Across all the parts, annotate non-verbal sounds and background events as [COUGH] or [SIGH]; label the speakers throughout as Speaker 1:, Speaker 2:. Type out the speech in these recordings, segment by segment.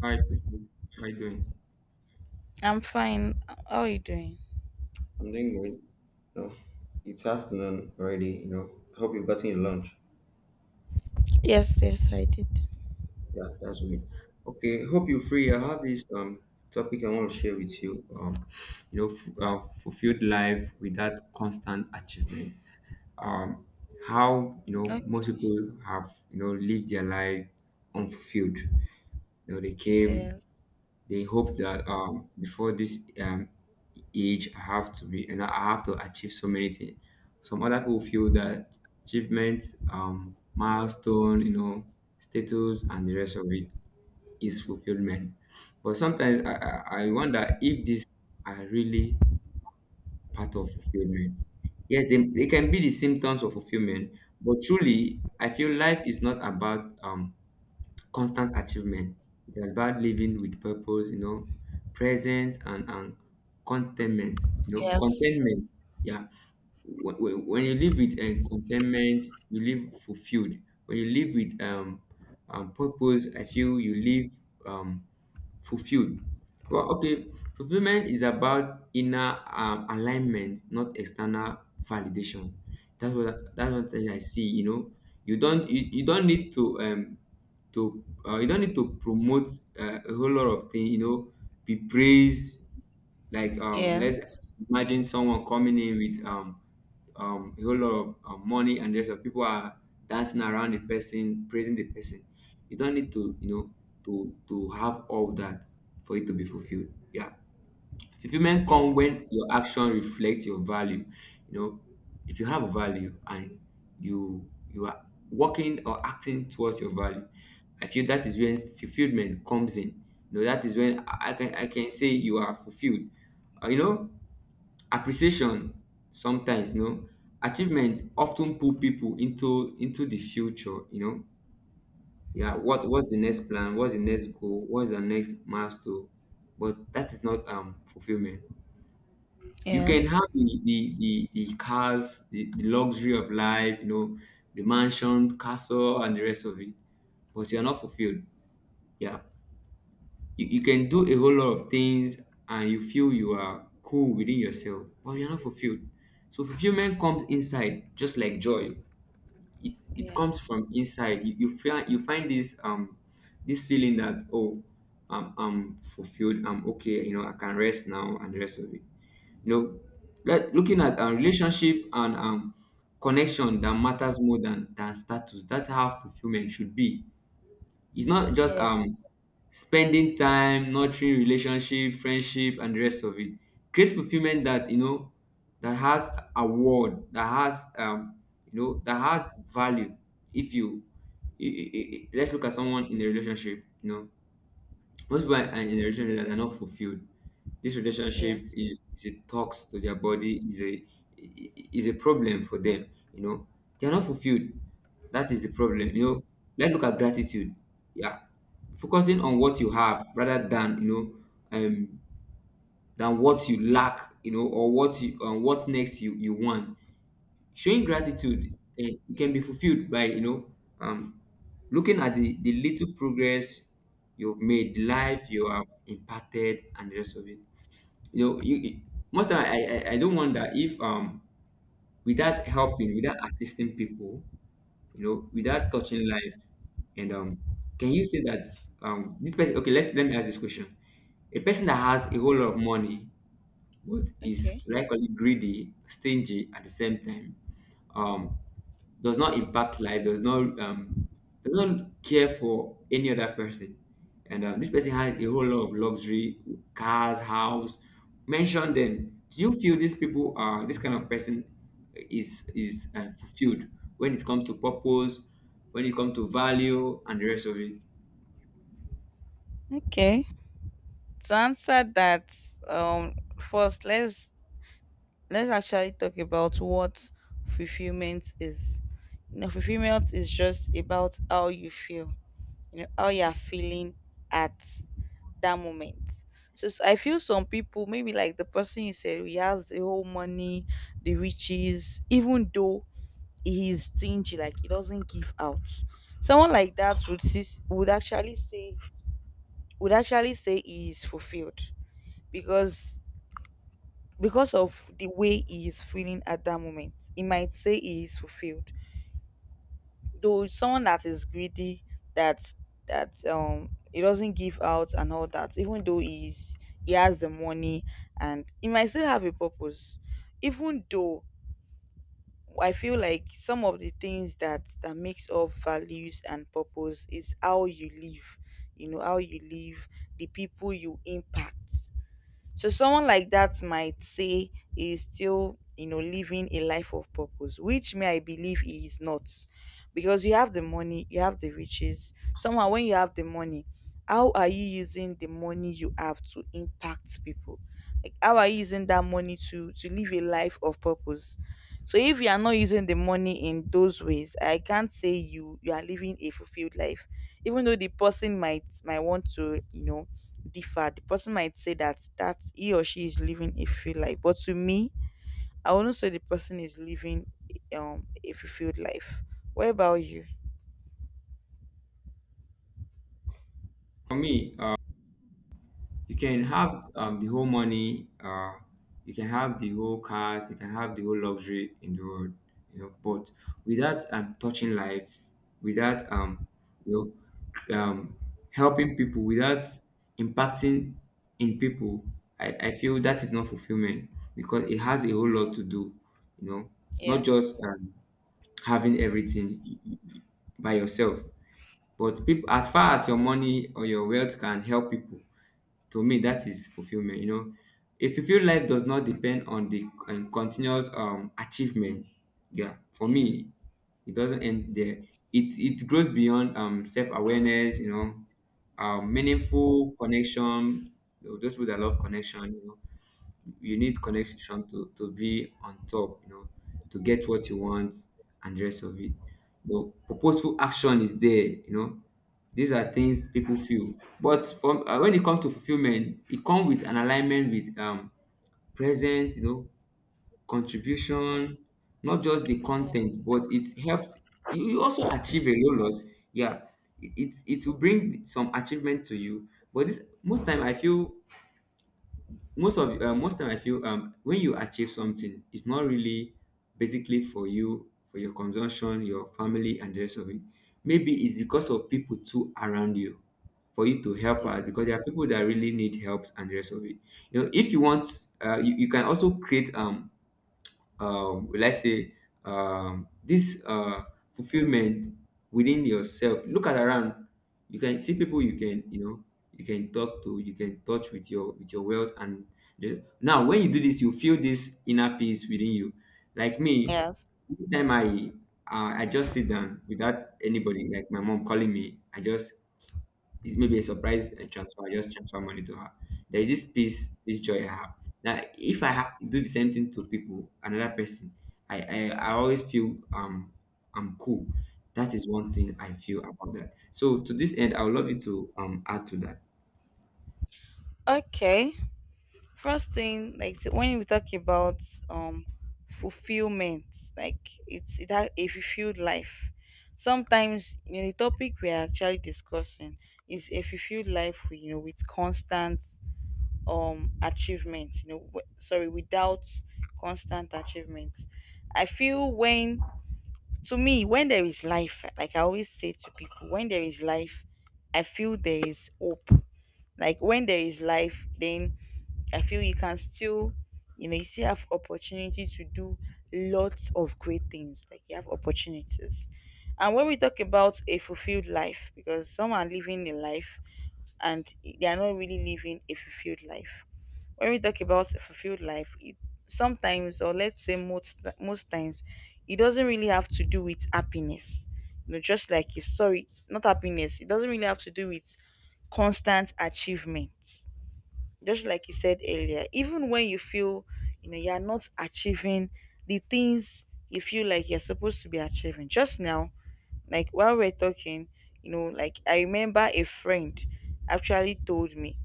Speaker 1: Hi, Christine. How you doing?
Speaker 2: I'm fine. How are you doing?
Speaker 1: I'm doing great. No, it's afternoon already. Hope you've gotten your lunch.
Speaker 2: Yes, yes, I did.
Speaker 1: Yeah, that's me. Okay, hope you're free. I have this topic I want to share with you. Fulfilled life without constant achievement. Um, how
Speaker 2: Okay.
Speaker 1: most people have lived their life unfulfilled. You know, they came.
Speaker 2: Yes.
Speaker 1: They hope that before this age, I have to be and I have to achieve so many things. Some other people feel that achievement, milestone, you know, status, and the rest of it is fulfillment. But sometimes I wonder if these are really part of fulfillment. Yes, they can be the symptoms of fulfillment, but truly, I feel life is not about constant achievement. It is about living with purpose, you know, presence and contentment, you know,
Speaker 2: Yes.
Speaker 1: contentment. Yeah. When you live with contentment, you live fulfilled. When you live with purpose, I feel you live um, fulfilled. Well, okay, fulfillment is about inner alignment, not external validation. That's one thing I see. You know, you don't need to you don't need to promote a whole lot of things, you know, be praised like let's
Speaker 2: Yes.
Speaker 1: imagine someone coming in with a whole lot of money, and there's of people are dancing around the person, praising the person. You don't need to, you know, to have all that for it to be fulfilled. Yeah. Fulfillment comes
Speaker 2: Yes.
Speaker 1: when your action reflects your value. You know, if you have a value and you are working or acting towards your value, I feel that is when fulfillment comes in. You know, that is when I can say you are fulfilled. You know, appreciation sometimes, you know, achievement often pull people into the future, you know. Yeah, what's the next plan? What's the next goal? What's the next milestone? But that is not fulfillment. You can have
Speaker 2: Yes.
Speaker 1: the cars, the luxury of life, you know, the mansion, castle, and the rest of it, but you're not fulfilled. Yeah, you can do a whole lot of things and you feel you are cool within yourself, but you're not fulfilled. So fulfillment comes inside just like joy. It comes
Speaker 2: Yes.
Speaker 1: from inside you. You feel you find this this feeling that oh I'm fulfilled, I'm okay, you know, I can rest now, and the rest of it, you know, like looking at a relationship and connection that matters more than status. That's how fulfillment should be. It's not just
Speaker 2: Yes.
Speaker 1: spending time, nurturing relationship, friendship, and the rest of it. Create fulfillment that, you know, that has a word that has you know that has value. If you let's look at someone in a relationship. You know, husband and in a relationship that are not fulfilled, this relationship
Speaker 2: Yes.
Speaker 1: is, is a tox to their body, is a problem for them. You know, they are not fulfilled. That is the problem. You know, let's look at gratitude. Yeah, focusing on what you have rather than, than what you lack. You know, or what you on what next you you want. Showing gratitude can be fulfilled by, you know, um, looking at the little progress you've made, the life you have impacted, and the rest of it. You know, most time I don't wonder if without helping, without assisting people, you know, without touching life, and can you say that this person? Okay, let's let me ask this question: a person that has a whole lot of money but is
Speaker 2: Okay.
Speaker 1: likely greedy, stingy at the same time, um does not impact life, does not care for any other person. And this person has a whole lot of luxury, cars, house. Mention them. Do you feel these people are, this kind of person is fulfilled when it comes to purpose, when it comes to value, and the rest of it?
Speaker 2: Okay. To answer that, first let's actually talk about what fulfillment is. You know, fulfillment is just about how you feel, you know, how you're feeling at that moment. So I feel some people, maybe like the person you said, he has the whole money, the riches. Even though he is stingy, like he doesn't give out, someone like that would would actually say he is fulfilled, because because of the way he is feeling at that moment, he might say he is fulfilled. Though someone that is greedy, that that he doesn't give out and all that, even though he has the money, and he might still have a purpose. Even though, I feel like some of the things that makes up values and purpose is how you live, you know, how you live, the people you impact. So someone like that might say is still, you know, living a life of purpose, which may I believe he is not. Because you have the money, you have the riches. Somehow when you have the money, how are you using the money you have to impact people? Like how are you using that money to live a life of purpose? So if you are not using the money in those ways, I can't say you are living a fulfilled life. Even though the person might want to, you know, differ. The person might say that he or she is living a fulfilled life, but to me, I wouldn't say the person is living a fulfilled life. What about you?
Speaker 1: For me, you can have the whole money, you can have the whole cars, you can have the whole luxury in the world, you know. But without touching lives, without you know, um, helping people, without impacting in people, I feel that is not fulfillment, because it has a whole lot to do, you know, not just
Speaker 2: Yes,
Speaker 1: having everything by yourself. But people, as far as your money or your wealth can help people, to me that is fulfillment. You know, a fulfilled life does not depend on the continuous achievement. Yeah, for
Speaker 2: yes,
Speaker 1: me, it doesn't end there. It grows beyond self-awareness, you know, meaningful connection. You know, those people that love connection, you know, you need connection to be on top, you know, to get what you want and the rest of it. But purposeful action is there, you know. These are things people feel. But from when it comes to fulfillment, it comes with an alignment with presence, you know, contribution, not just the
Speaker 2: yeah,
Speaker 1: content, but it helps. You also achieve a whole lot. Yeah, it it it will bring some achievement to you. But this most time I feel, most of most time I feel when you achieve something, it's not really basically for you, for your consumption, your family, and the rest of it. Maybe it's because of people too around you, for you to help out,
Speaker 2: yes,
Speaker 1: because there are people that really need help and the rest of it. You know, if you want you, you can also create let's say this fulfillment within yourself. Look at around, you can see people you can, you know, you can talk to, you can touch with your wealth. And the, now when you do this, you feel this inner peace within you. Like me,
Speaker 2: yes.
Speaker 1: anytime I just sit down without anybody like my mom calling me, I just, it may be a surprise transfer money to her. There is this peace, this joy I have. That if I do the same thing to people, another person, I always feel I'm cool. That is one thing I feel about that. So to this end, I would love you to add to that.
Speaker 2: Okay. First thing, like when we talk about um fulfillment, like it's it has a fulfilled life. Sometimes, you know, the topic we are actually discussing is a fulfilled life, you know, with constant achievements, you know, sorry, without constant achievements. I feel when, to me, when there is life, like I always say to people, when there is life, I feel there is hope. Like when there is life, then I feel you can still, you know, you still have opportunity to do lots of great things, like you have opportunities. And when we talk about a fulfilled life, because some are living a life and they are not really living a fulfilled life. When we talk about a fulfilled life, it, sometimes, or let's say most most times, it doesn't really have to do with happiness. You know, just like you, sorry, not happiness. It doesn't really have to do with constant achievements. Just like you said earlier, even when you feel, you know, you are not achieving the things you feel like you're supposed to be achieving. Just now, like while we're talking, you know, like I remember a friend actually told me,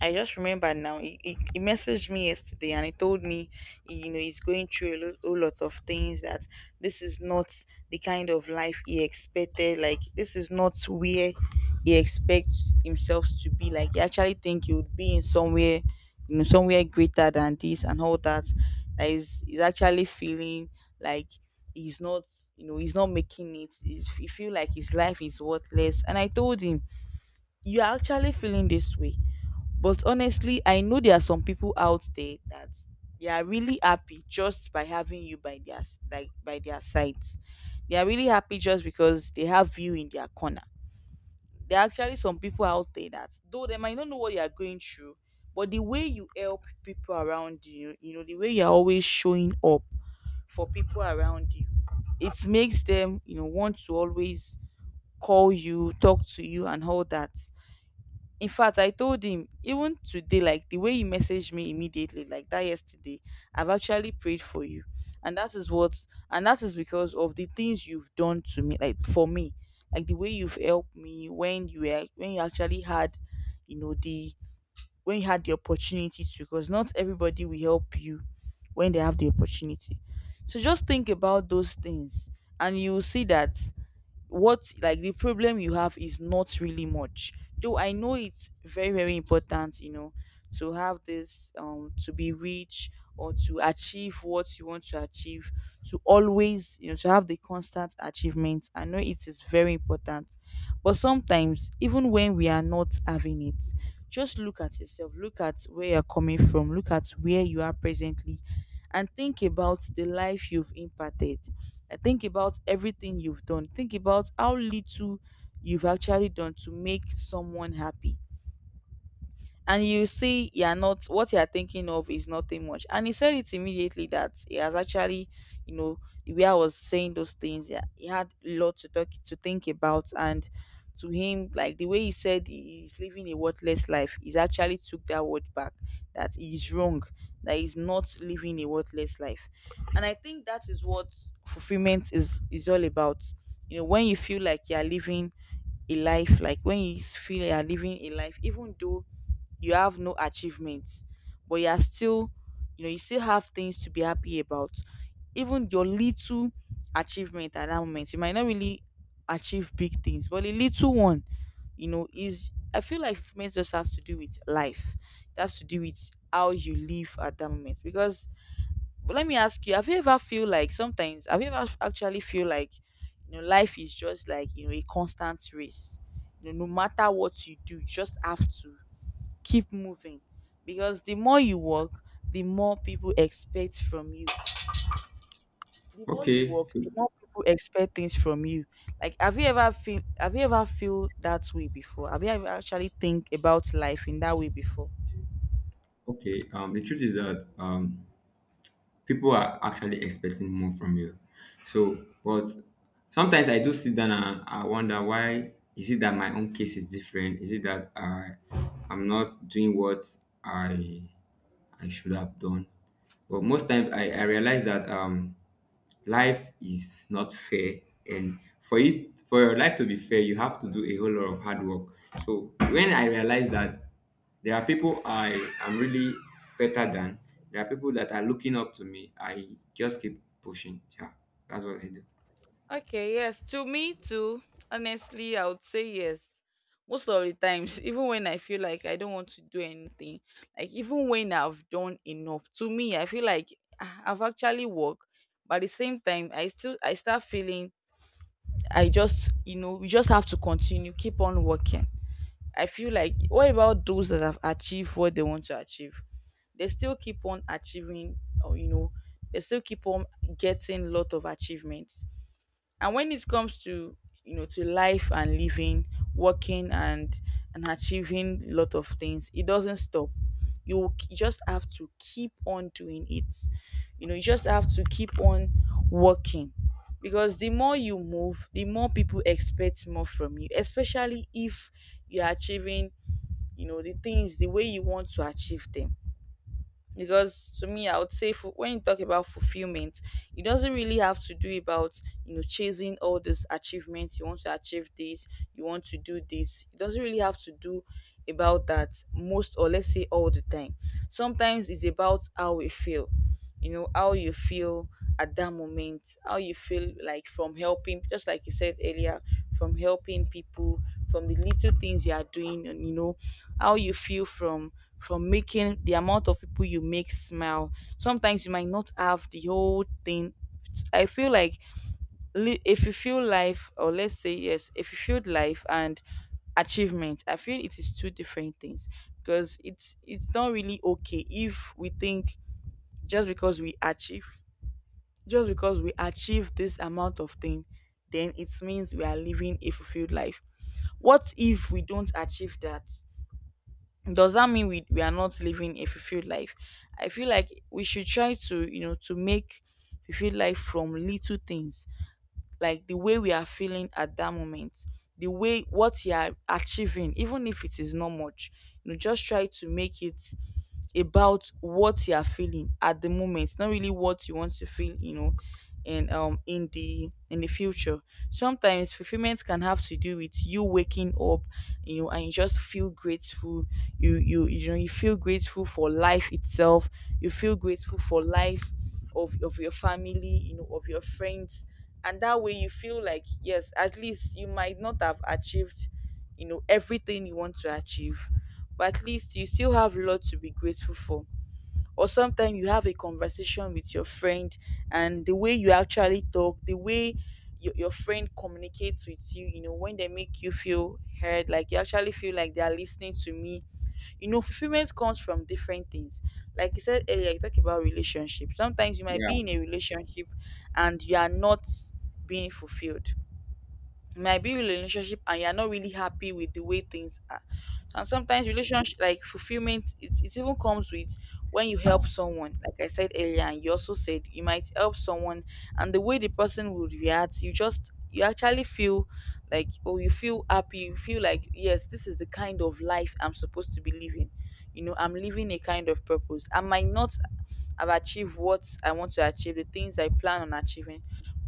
Speaker 2: I just remember now. He messaged me yesterday and he told me, you know, he's going through a whole lot of things, that this is not the kind of life he expected. Like this is not where he expects himself to be. Like he actually think he would be in somewhere, you know, somewhere greater than this and all that. That is, he's actually feeling like he's not, you know, he's not making it. He feel like his life is worthless. And I told him, you're actually feeling this way, but honestly, I know there are some people out there that they are really happy just by having you by their like by their sides. They are really happy just because they have you in their corner. There are actually some people out there that though they might not know what you are going through, but the way you help people around you, you know, the way you're always showing up for people around you, it makes them, you know, want to always call you, talk to you and all that. In fact, I told him even today, like the way you messaged me immediately, like that yesterday, I've actually prayed for you. And that is and that is because of the things you've done to me, like for me, like the way you've helped me when you actually you know, when you had the opportunity to, because not everybody will help you when they have the opportunity. So just think about those things, and you will see that what like the problem you have is not really much. Though I know it's very very important, you know, to have this to be rich or to achieve what you want to achieve, to always, you know, to have the constant achievement. I know it is very important, but sometimes even when we are not having it, just look at yourself, look at where you're coming from, look at where you are presently, and think about the life you've impacted. Think about everything you've done. Think about how little you've actually done to make someone happy. And you see, you're not what you're thinking of is nothing much. And he said it immediately that he has actually, you know, the way I was saying those things, yeah, he had a lot to talk to think about. And to him, like the way he said he's living a worthless life, he's actually took that word back, that he's wrong, that he's not living a worthless life. And I think that is what fulfillment is all about. You know, when you feel like you're living a life, like when you feel you're living a life even though you have no achievements, but you're still, you know, you still have things to be happy about. Even your little achievement at that moment, you might not really achieve big things, but a little one, you know, is, I feel like fulfillment just has to do with life. It has to do with how you live at that moment because. But let me ask you, have you ever feel like sometimes have you ever actually feel like, you know, life is just like, you know, a constant race? You know, no matter what you do, you just have to keep moving. Because the more you work, the more people expect from you. The more you
Speaker 1: Okay,
Speaker 2: work,
Speaker 1: so
Speaker 2: the more people expect things from you. Like have you ever feel have you ever feel that way before? Have you ever actually think about life in that way before?
Speaker 1: okay. The truth is that people are actually expecting more from you. So, but sometimes I do sit down and I wonder, why is it that my own case is different? Is it that I'm not doing what I I should have done? But most times I realize that life is not fair, and for it for your life to be fair, you have to do a whole lot of hard work. So when I realized that there are people I am really better than, there are people that are looking up to me, I just keep pushing. Yeah, that's what I do.
Speaker 2: Okay, yes. To me too, honestly, I would say yes. Most of the times, [LAUGHS] even when I feel like I don't want to do anything, like even when I've done enough, to me, I feel like ah, I've actually worked. But at the same time, I start feeling, I just, you know, we just have to continue, keep on working. I feel like what about those that have achieved what they want to achieve? They still keep on achieving, or you know, they still keep on getting lot of achievements. And when it comes to, you know, to life and living, working and achieving a lot of things, it doesn't stop. You will just have to keep on doing it. You know, you just have to keep on working, because the more you move, the more people expect more from you, especially if you're achieving, you know, the things the way you want to achieve them. Because to me, I would say when you talk about fulfillment, it doesn't really have to do about, you know, chasing all these achievements. You want to achieve this, you want to do this. It doesn't really have to do about that most, or let's say all the time. Sometimes it's about how we feel, you know, how you feel at that moment, how you feel like from helping, just like you said earlier, from helping people, from the little things you are doing, and, you know, how you feel from making the amount of people you make smile. Sometimes you might not have the whole thing. I feel like if you feel life, or let's say yes, if you feel life and achievement, I feel it is two different things. Because it's not really okay if we think just because we achieve just because we achieve this amount of thing, then it means we are living a fulfilled life. What if we don't achieve that? Does that mean we are not living a fulfilled life? I feel like we should try to, you know, to make fulfilled life from little things, like the way we are feeling at that moment, the way what you are achieving, even if it is not much. You know, just try to make it about What you are feeling at the moment, not really what you want to feel, you know, and in the future. Sometimes fulfillment can have to do with you waking up, you know, and you just feel grateful. You feel grateful for life itself. You feel grateful for life of your family, you know, of your friends, and that way you feel like yes, at least you might not have achieved, you know, everything you want to achieve, but at least you still have a lot to be grateful for. Or sometimes you have a conversation with your friend, and the way you actually talk, the way your friend communicates with you, you know, when they make you feel heard, like you actually feel like they are listening to me. You know, fulfillment comes from different things. Like you said earlier, you talk about relationship. Sometimes you might
Speaker 1: Yeah.
Speaker 2: be in a relationship and you are not being fulfilled. You might be in a relationship and you're not really happy with the way things are. And sometimes relationship, like fulfillment, it even comes with when you help someone, like I said earlier, and you also said you might help someone, and the way the person would react, you just, you actually feel like, oh, you feel happy, you feel like yes, this is the kind of life I'm supposed to be living. You know, I'm living a kind of purpose. I might not have achieved what I want to achieve, the things I plan on achieving,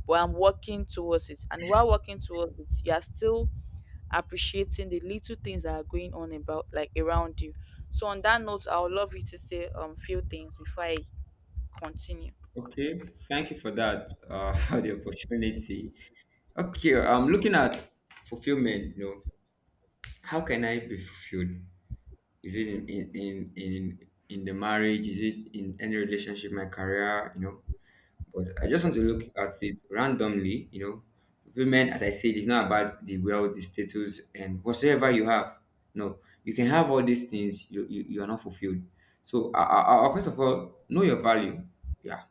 Speaker 2: but I'm working towards it. And while working towards it, you are still appreciating the little things that are going on about, like around you. So on that note, I would love you to say few things before I continue.
Speaker 1: Okay. Thank you for that. [LAUGHS] For the opportunity. Okay. I'm looking at fulfillment. You know, how can I be fulfilled? Is it in the marriage? Is it in any relationship, my career? You know, but I just want to look at it randomly. You know, women, as I said, it's not about the wealth, the status, and whatsoever you have. No, you can have all these things. You are not fulfilled. So, first of all, know your value. Yeah,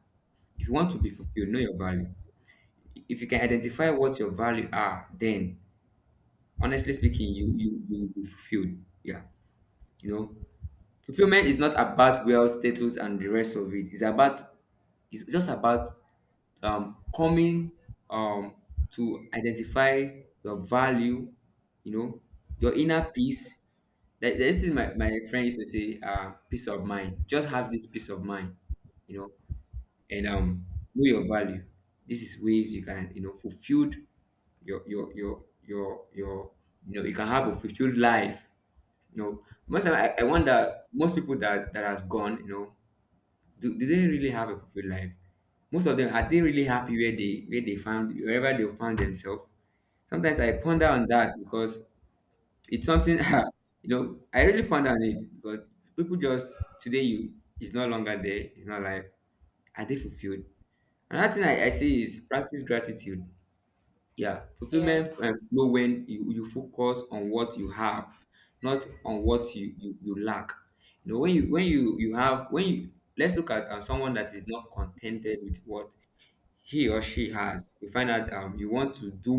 Speaker 1: if you want to be fulfilled, know your value. If you can identify what your value are, then honestly speaking, you will be fulfilled. Yeah, you know, fulfillment is not about wealth, status, and the rest of it. It's about, it's just about coming um, to identify your value, you know, your inner peace. This is my friend used to say, peace of mind. Just have this peace of mind, you know, and know your value. This is ways you can, you know, fulfilled your your your your your you know, you can have a fulfilled life. You know, most time, I wonder, most people that that has gone, you know, do they really have a fulfilled life? Most of them, are they really happy where they found, wherever they found themselves? Sometimes I ponder on that, because it's something [LAUGHS] you know, I really ponder on it, because people just today you, it's no longer there, it's not life. Are they fulfilled? Another thing I see is practice gratitude. Yeah,
Speaker 2: Yes.
Speaker 1: fulfillment and flow when you focus on what you have, not on what you lack. You know, when you have when you let's look at someone that is not contented with what he or she has. You find out you want to do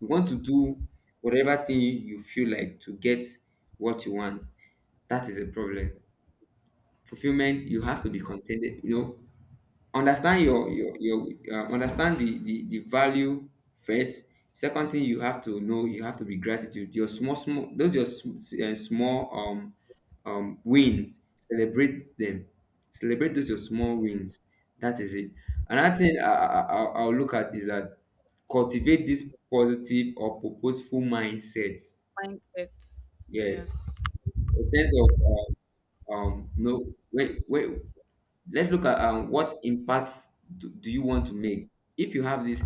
Speaker 1: you want to do whatever thing you feel like to get what you want. That is a problem. Fulfillment, you have to be contented. You know, understand your understand the value first. Second thing you have to know, you have to be gratitude. Your small small wins, celebrate them. Celebrate those your small wins. That is it. Another thing I'll look at is that cultivate this positive or purposeful mindset.
Speaker 2: Mindset.
Speaker 1: Yes,
Speaker 2: Yes.
Speaker 1: a sense of no, wait, let's look at what impacts do you want to make if you have this,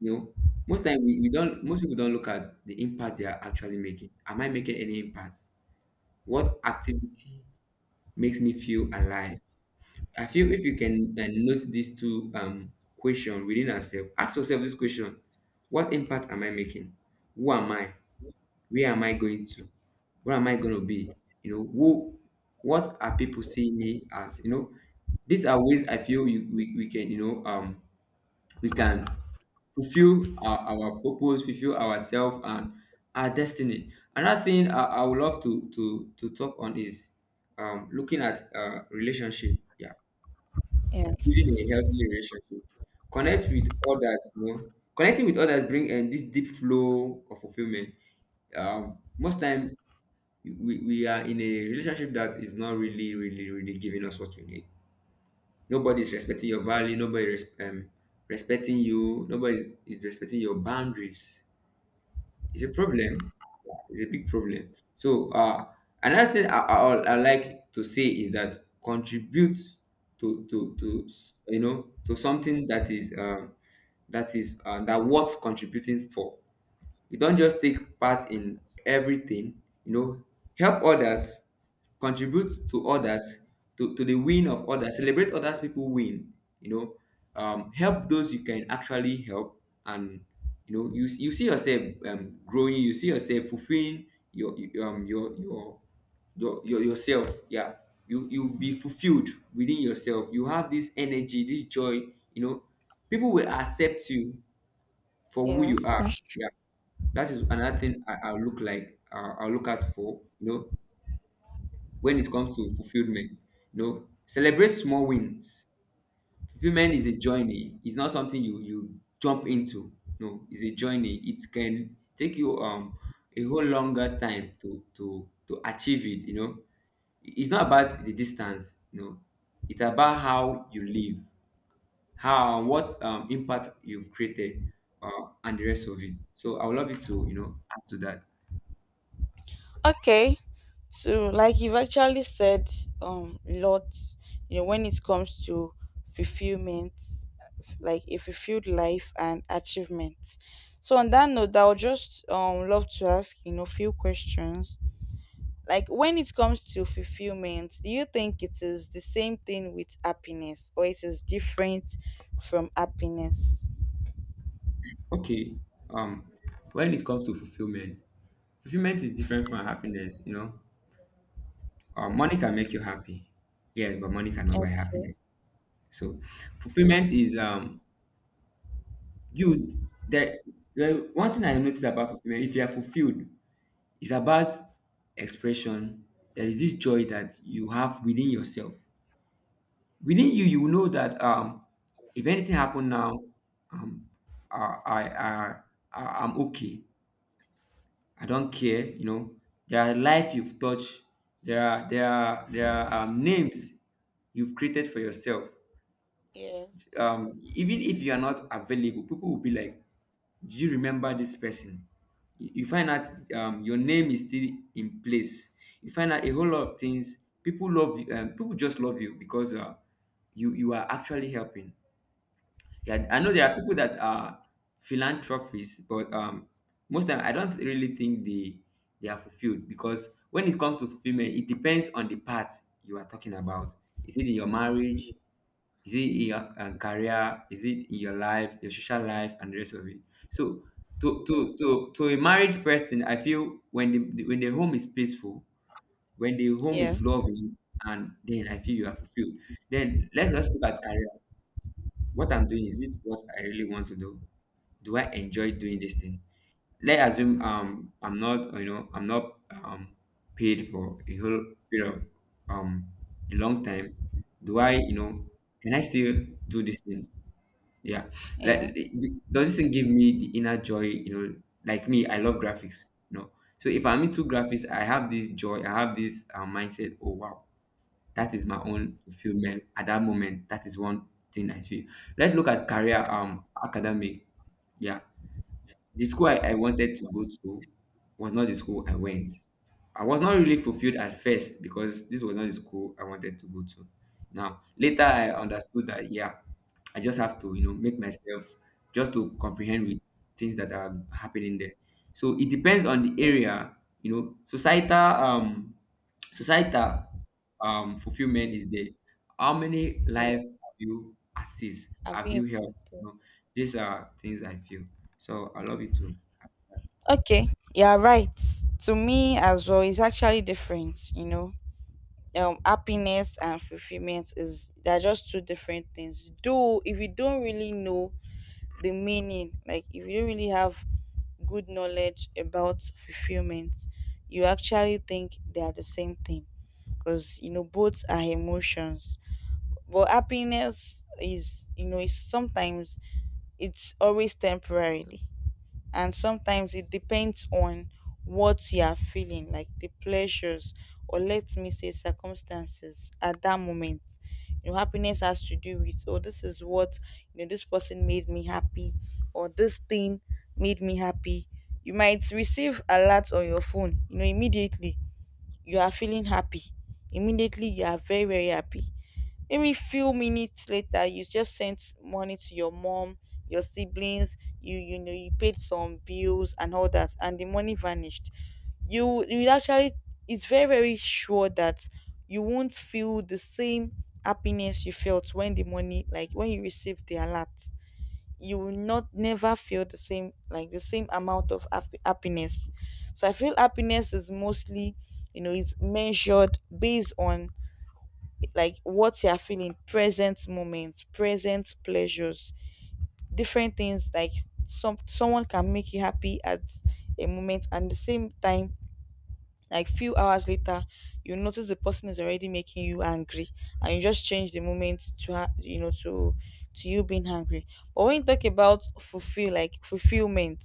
Speaker 1: you know, most time we don't most people don't look at the impact they are actually making. Am I making any impact? What activity makes me feel alive? I feel if you can note these two question within ourselves, ask yourself this question. What impact am I making? Who am I? Where am I going to? Where am I going to be? You know, who, what are people seeing me as? You know, these are ways I feel we can, you know, we can fulfill our purpose, fulfill ourselves and our destiny. Another thing I would love to, to talk on is, looking at relationship. Yeah,
Speaker 2: Yes.
Speaker 1: building a healthy relationship. Connect with others. You know, connecting with others bring and this deep flow of fulfillment. Most time we are in a relationship that is not really giving us what we need. Nobody's respecting your value. Respecting you. Nobody is respecting your boundaries. It's a problem. Yeah, it's a big problem. So, another thing I like to say is that contribute you know, to something that is that worth contributing for. You don't just take part in everything, you know. Help others, contribute to others, to the win of others, celebrate others people win, you know. Help those you can actually help, and you know you see yourself growing. You see yourself fulfilling your your- um your your your yourself, yeah. You be fulfilled within yourself. You have this energy, this joy, you know. People will accept you for who you
Speaker 2: Yes,
Speaker 1: are.
Speaker 2: that's
Speaker 1: Yeah, that is another thing I'll look out for. You know, when it comes to fulfillment, you know, celebrate small wins. Fulfillment is a journey. It's not something you jump into. No, it's a journey. It can take you a whole longer time to achieve it. You know, it's not about the distance. You know, it's about how you live, how, what impact you've created, and the rest of it. So I would love you to, you know, add to that.
Speaker 2: Okay. So like you've actually said lots, you know, when it comes to fulfillment, like a fulfilled life and achievement. So on that note, I would just love to ask, you know, few questions. Like when it comes to fulfillment, do you think it is the same thing with happiness, or it is different from happiness?
Speaker 1: Okay. Um, when it comes to fulfillment, fulfillment is different from happiness. You know, money can make you happy. Yes, but money cannot buy happiness. So, fulfillment is you that well, one thing I noticed about fulfillment. If you are fulfilled, it's about expression. There is this joy that you have within yourself. Within you, you know that if anything happen now, um I I I I'm okay. I don't care, you know. There are life you've touched. There are names you've created for yourself.
Speaker 2: Yes.
Speaker 1: Even if you are not available, people will be like, "Do you remember this person?" You find out, your name is still in place. You find out a whole lot of things. People love you. People just love you because, you you are actually helping. Yeah, I know there are people that are philanthropists, but, most time I don't really think they are fulfilled because when it comes to fulfillment, it depends on the part you are talking about. Is it in your marriage? Is it in your, career? Is it in your life, your social life, and the rest of it? So to to to to a married person, I feel when the home is peaceful, when the home is
Speaker 2: Yes.
Speaker 1: loving, and then I feel you are fulfilled. Then let's just look at career. What I'm doing, is it what I really want to do? Do I enjoy doing this thing? Let's assume, um, I'm not, you know, I'm not, um, paid for a whole period of, um, a long time. Do I, you know, can I still do this thing? Yeah.
Speaker 2: Yeah.
Speaker 1: Like, does this thing give me the inner joy, you know, like me, I love graphics, you know. So if I'm into graphics, I have this joy, I have this, mindset, oh wow. That is my own fulfillment at that moment. That is one thing I feel. Let's look at career, academic. Yeah. The school I wanted to go to was not the school I went. I was not really fulfilled at first because this was not the school I wanted to go to. Now, later I understood that yeah, I just have to, you know, make myself just to comprehend with things that are happening there. So it depends on the area, you know, societal, societal fulfillment is there. How many
Speaker 2: Yeah.
Speaker 1: lives have you assist?
Speaker 2: I've
Speaker 1: Have
Speaker 2: been
Speaker 1: you helped?
Speaker 2: impacted.
Speaker 1: You know, these are things I feel. So I love you too.
Speaker 2: Okay, you're right. To me as well, it's actually different, you know. Happiness and fulfillment is, they're just two different things. Though if you don't really know the meaning, like if you don't really have good knowledge about fulfillment, you actually think they are the same thing. Because you know both are emotions. But happiness is, you know, it's sometimes, it's always temporarily, and sometimes it depends on what you are feeling, like the pleasures, or let me say circumstances at that moment. You know, happiness has to do with, oh, this is what, you know, this person made me happy, or this thing made me happy. You might receive alerts on your phone, you know, immediately you are feeling happy, immediately you are very, very happy. Maybe few minutes later, you just sent money to your mom, your siblings, you know, you paid some bills and all that, and the money vanished. You actually, it's very, very sure that you won't feel the same happiness you felt when the money, like when you received the alert. You will not never feel the same, like the same amount of happiness. So I feel happiness is mostly, you know, it's measured based on like what you are feeling, present moment, present pleasures, different things. Like someone can make you happy at a moment, and the same time, like few hours later, you notice the person is already making you angry, and you just change the moment to you know, to you being angry. But when you talk about like fulfillment,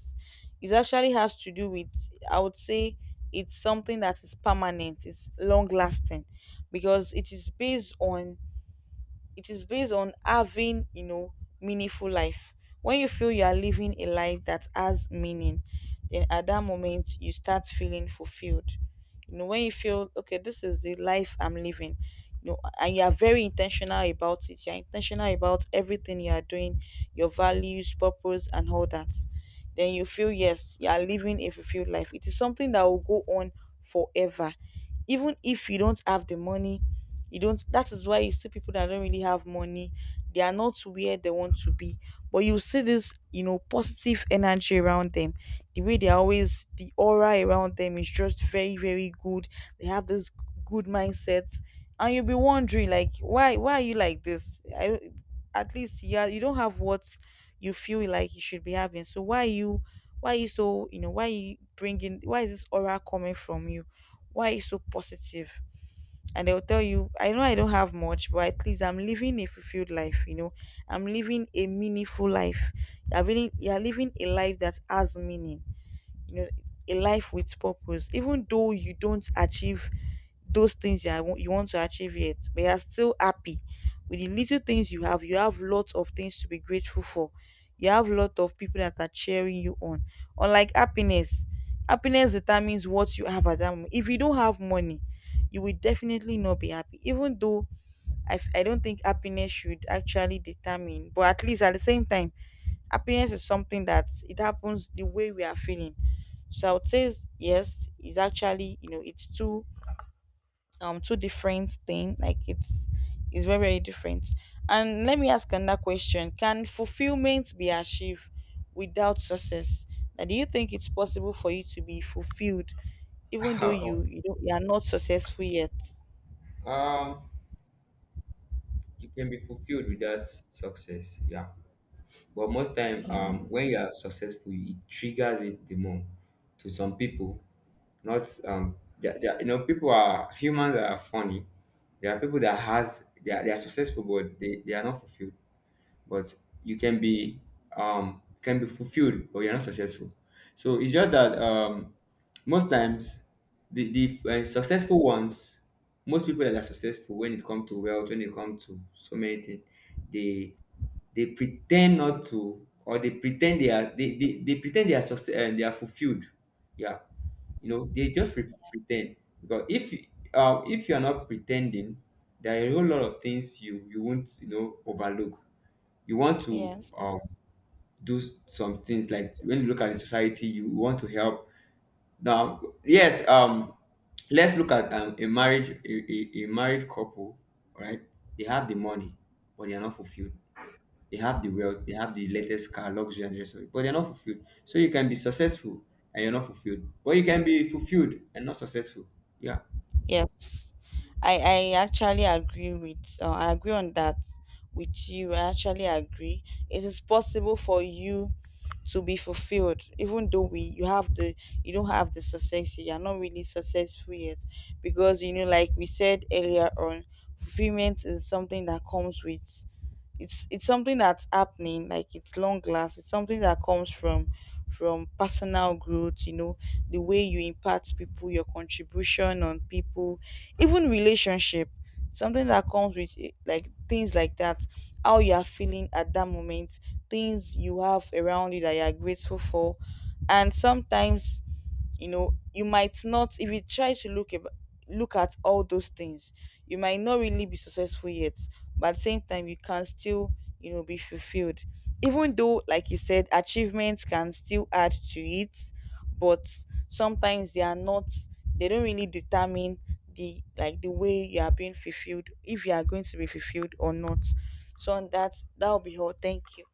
Speaker 2: it actually has to do with, I would say, it's something that is permanent, it's long lasting, because it is based on having, you know, meaningful life. When you feel you are living a life that has meaning, then at that moment you start feeling fulfilled. You know, when you feel okay, this is the life I'm living, you know, and you are very intentional about it. You're intentional about everything you are doing, your values, purpose, and all that. Then you feel, yes, you are living a fulfilled life. It is something that will go on forever, even if you don't have the money. You don't, that is why you see people that don't really have money, they are not where they want to be, but you see this, you know, positive energy around them, the way they are always, the aura around them is just very, very good. They have this good mindset. And you'll be wondering like, why are you like this? I don't, at least, yeah, you don't have what you feel like you should be having, so why are you, why are you so, you know, why are you bringing, why is this aura coming from you? Why are you so positive? And they'll tell you, I know I don't have much, but at least I'm living a fulfilled life, you know, I'm living a meaningful life. You're really, you're living a life that has meaning, you know, a life with purpose. Even though you don't achieve those things that I you want to achieve yet, but you are still happy with the little things you have. You have lots of things to be grateful for. You have a lot of people that are cheering you on. Unlike happiness, happiness determines what you have at that moment. If you don't have money, you will definitely not be happy. Even though I don't think happiness should actually determine, but at least at the same time, happiness is something that it happens the way we are feeling. So I would say yes, is actually, you know, it's too, two different thing, like it's very, very different. And let me ask another question, can fulfillment be achieved without success? Now do you think it's possible for you to be fulfilled even though
Speaker 1: [LAUGHS]
Speaker 2: don't, you are not successful yet?
Speaker 1: Um, you can be fulfilled without success, yeah. But most time,
Speaker 2: Yes.
Speaker 1: when you are successful, it triggers it the more. To some people, not, they you know, people are humans that are funny. There are people that has they are successful, but they are not fulfilled. But you can be, can be fulfilled but you're not successful. So it's just that, um, most times, the the successful ones, most people that are successful when it comes to wealth, when it comes to so many things, they they pretend not to, or they pretend they are, they pretend they are success and they are fulfilled, yeah. You know they just pretend, because if you are not pretending, there are a whole lot of things you won't, you know, overlook. You want to,
Speaker 2: Yes.
Speaker 1: do some things, like when you look at the society, you want to help. Now yes, um, let's look at, a marriage, a married couple, right? They have the money, but they are not fulfilled. They have the wealth, they have the latest car, luxury and the rest of it, but they're not fulfilled. So you can be successful and you're not fulfilled, but you can be fulfilled and not successful, yeah.
Speaker 2: Yes, I actually agree with I agree on that with you. I actually agree. It is possible for you to be fulfilled, even though we you have the, you don't have the success. You are not really successful yet, because you know, like we said earlier on, fulfillment is something that comes with, it's something that's happening, like it's long last, it's something that comes from personal growth, you know, the way you impact people, your contribution on people, even relationship, something that comes with like things like that, how you are feeling at that moment, things you have around you that you are grateful for. And sometimes, you know, you might not, if you try to look look at all those things, you might not really be successful yet, but at the same time you can still, you know, be fulfilled. Even though, like you said, achievements can still add to it, but sometimes they are not, they don't really determine the, like the way you are being fulfilled, if you are going to be fulfilled or not. So on that, that'll be all, thank you.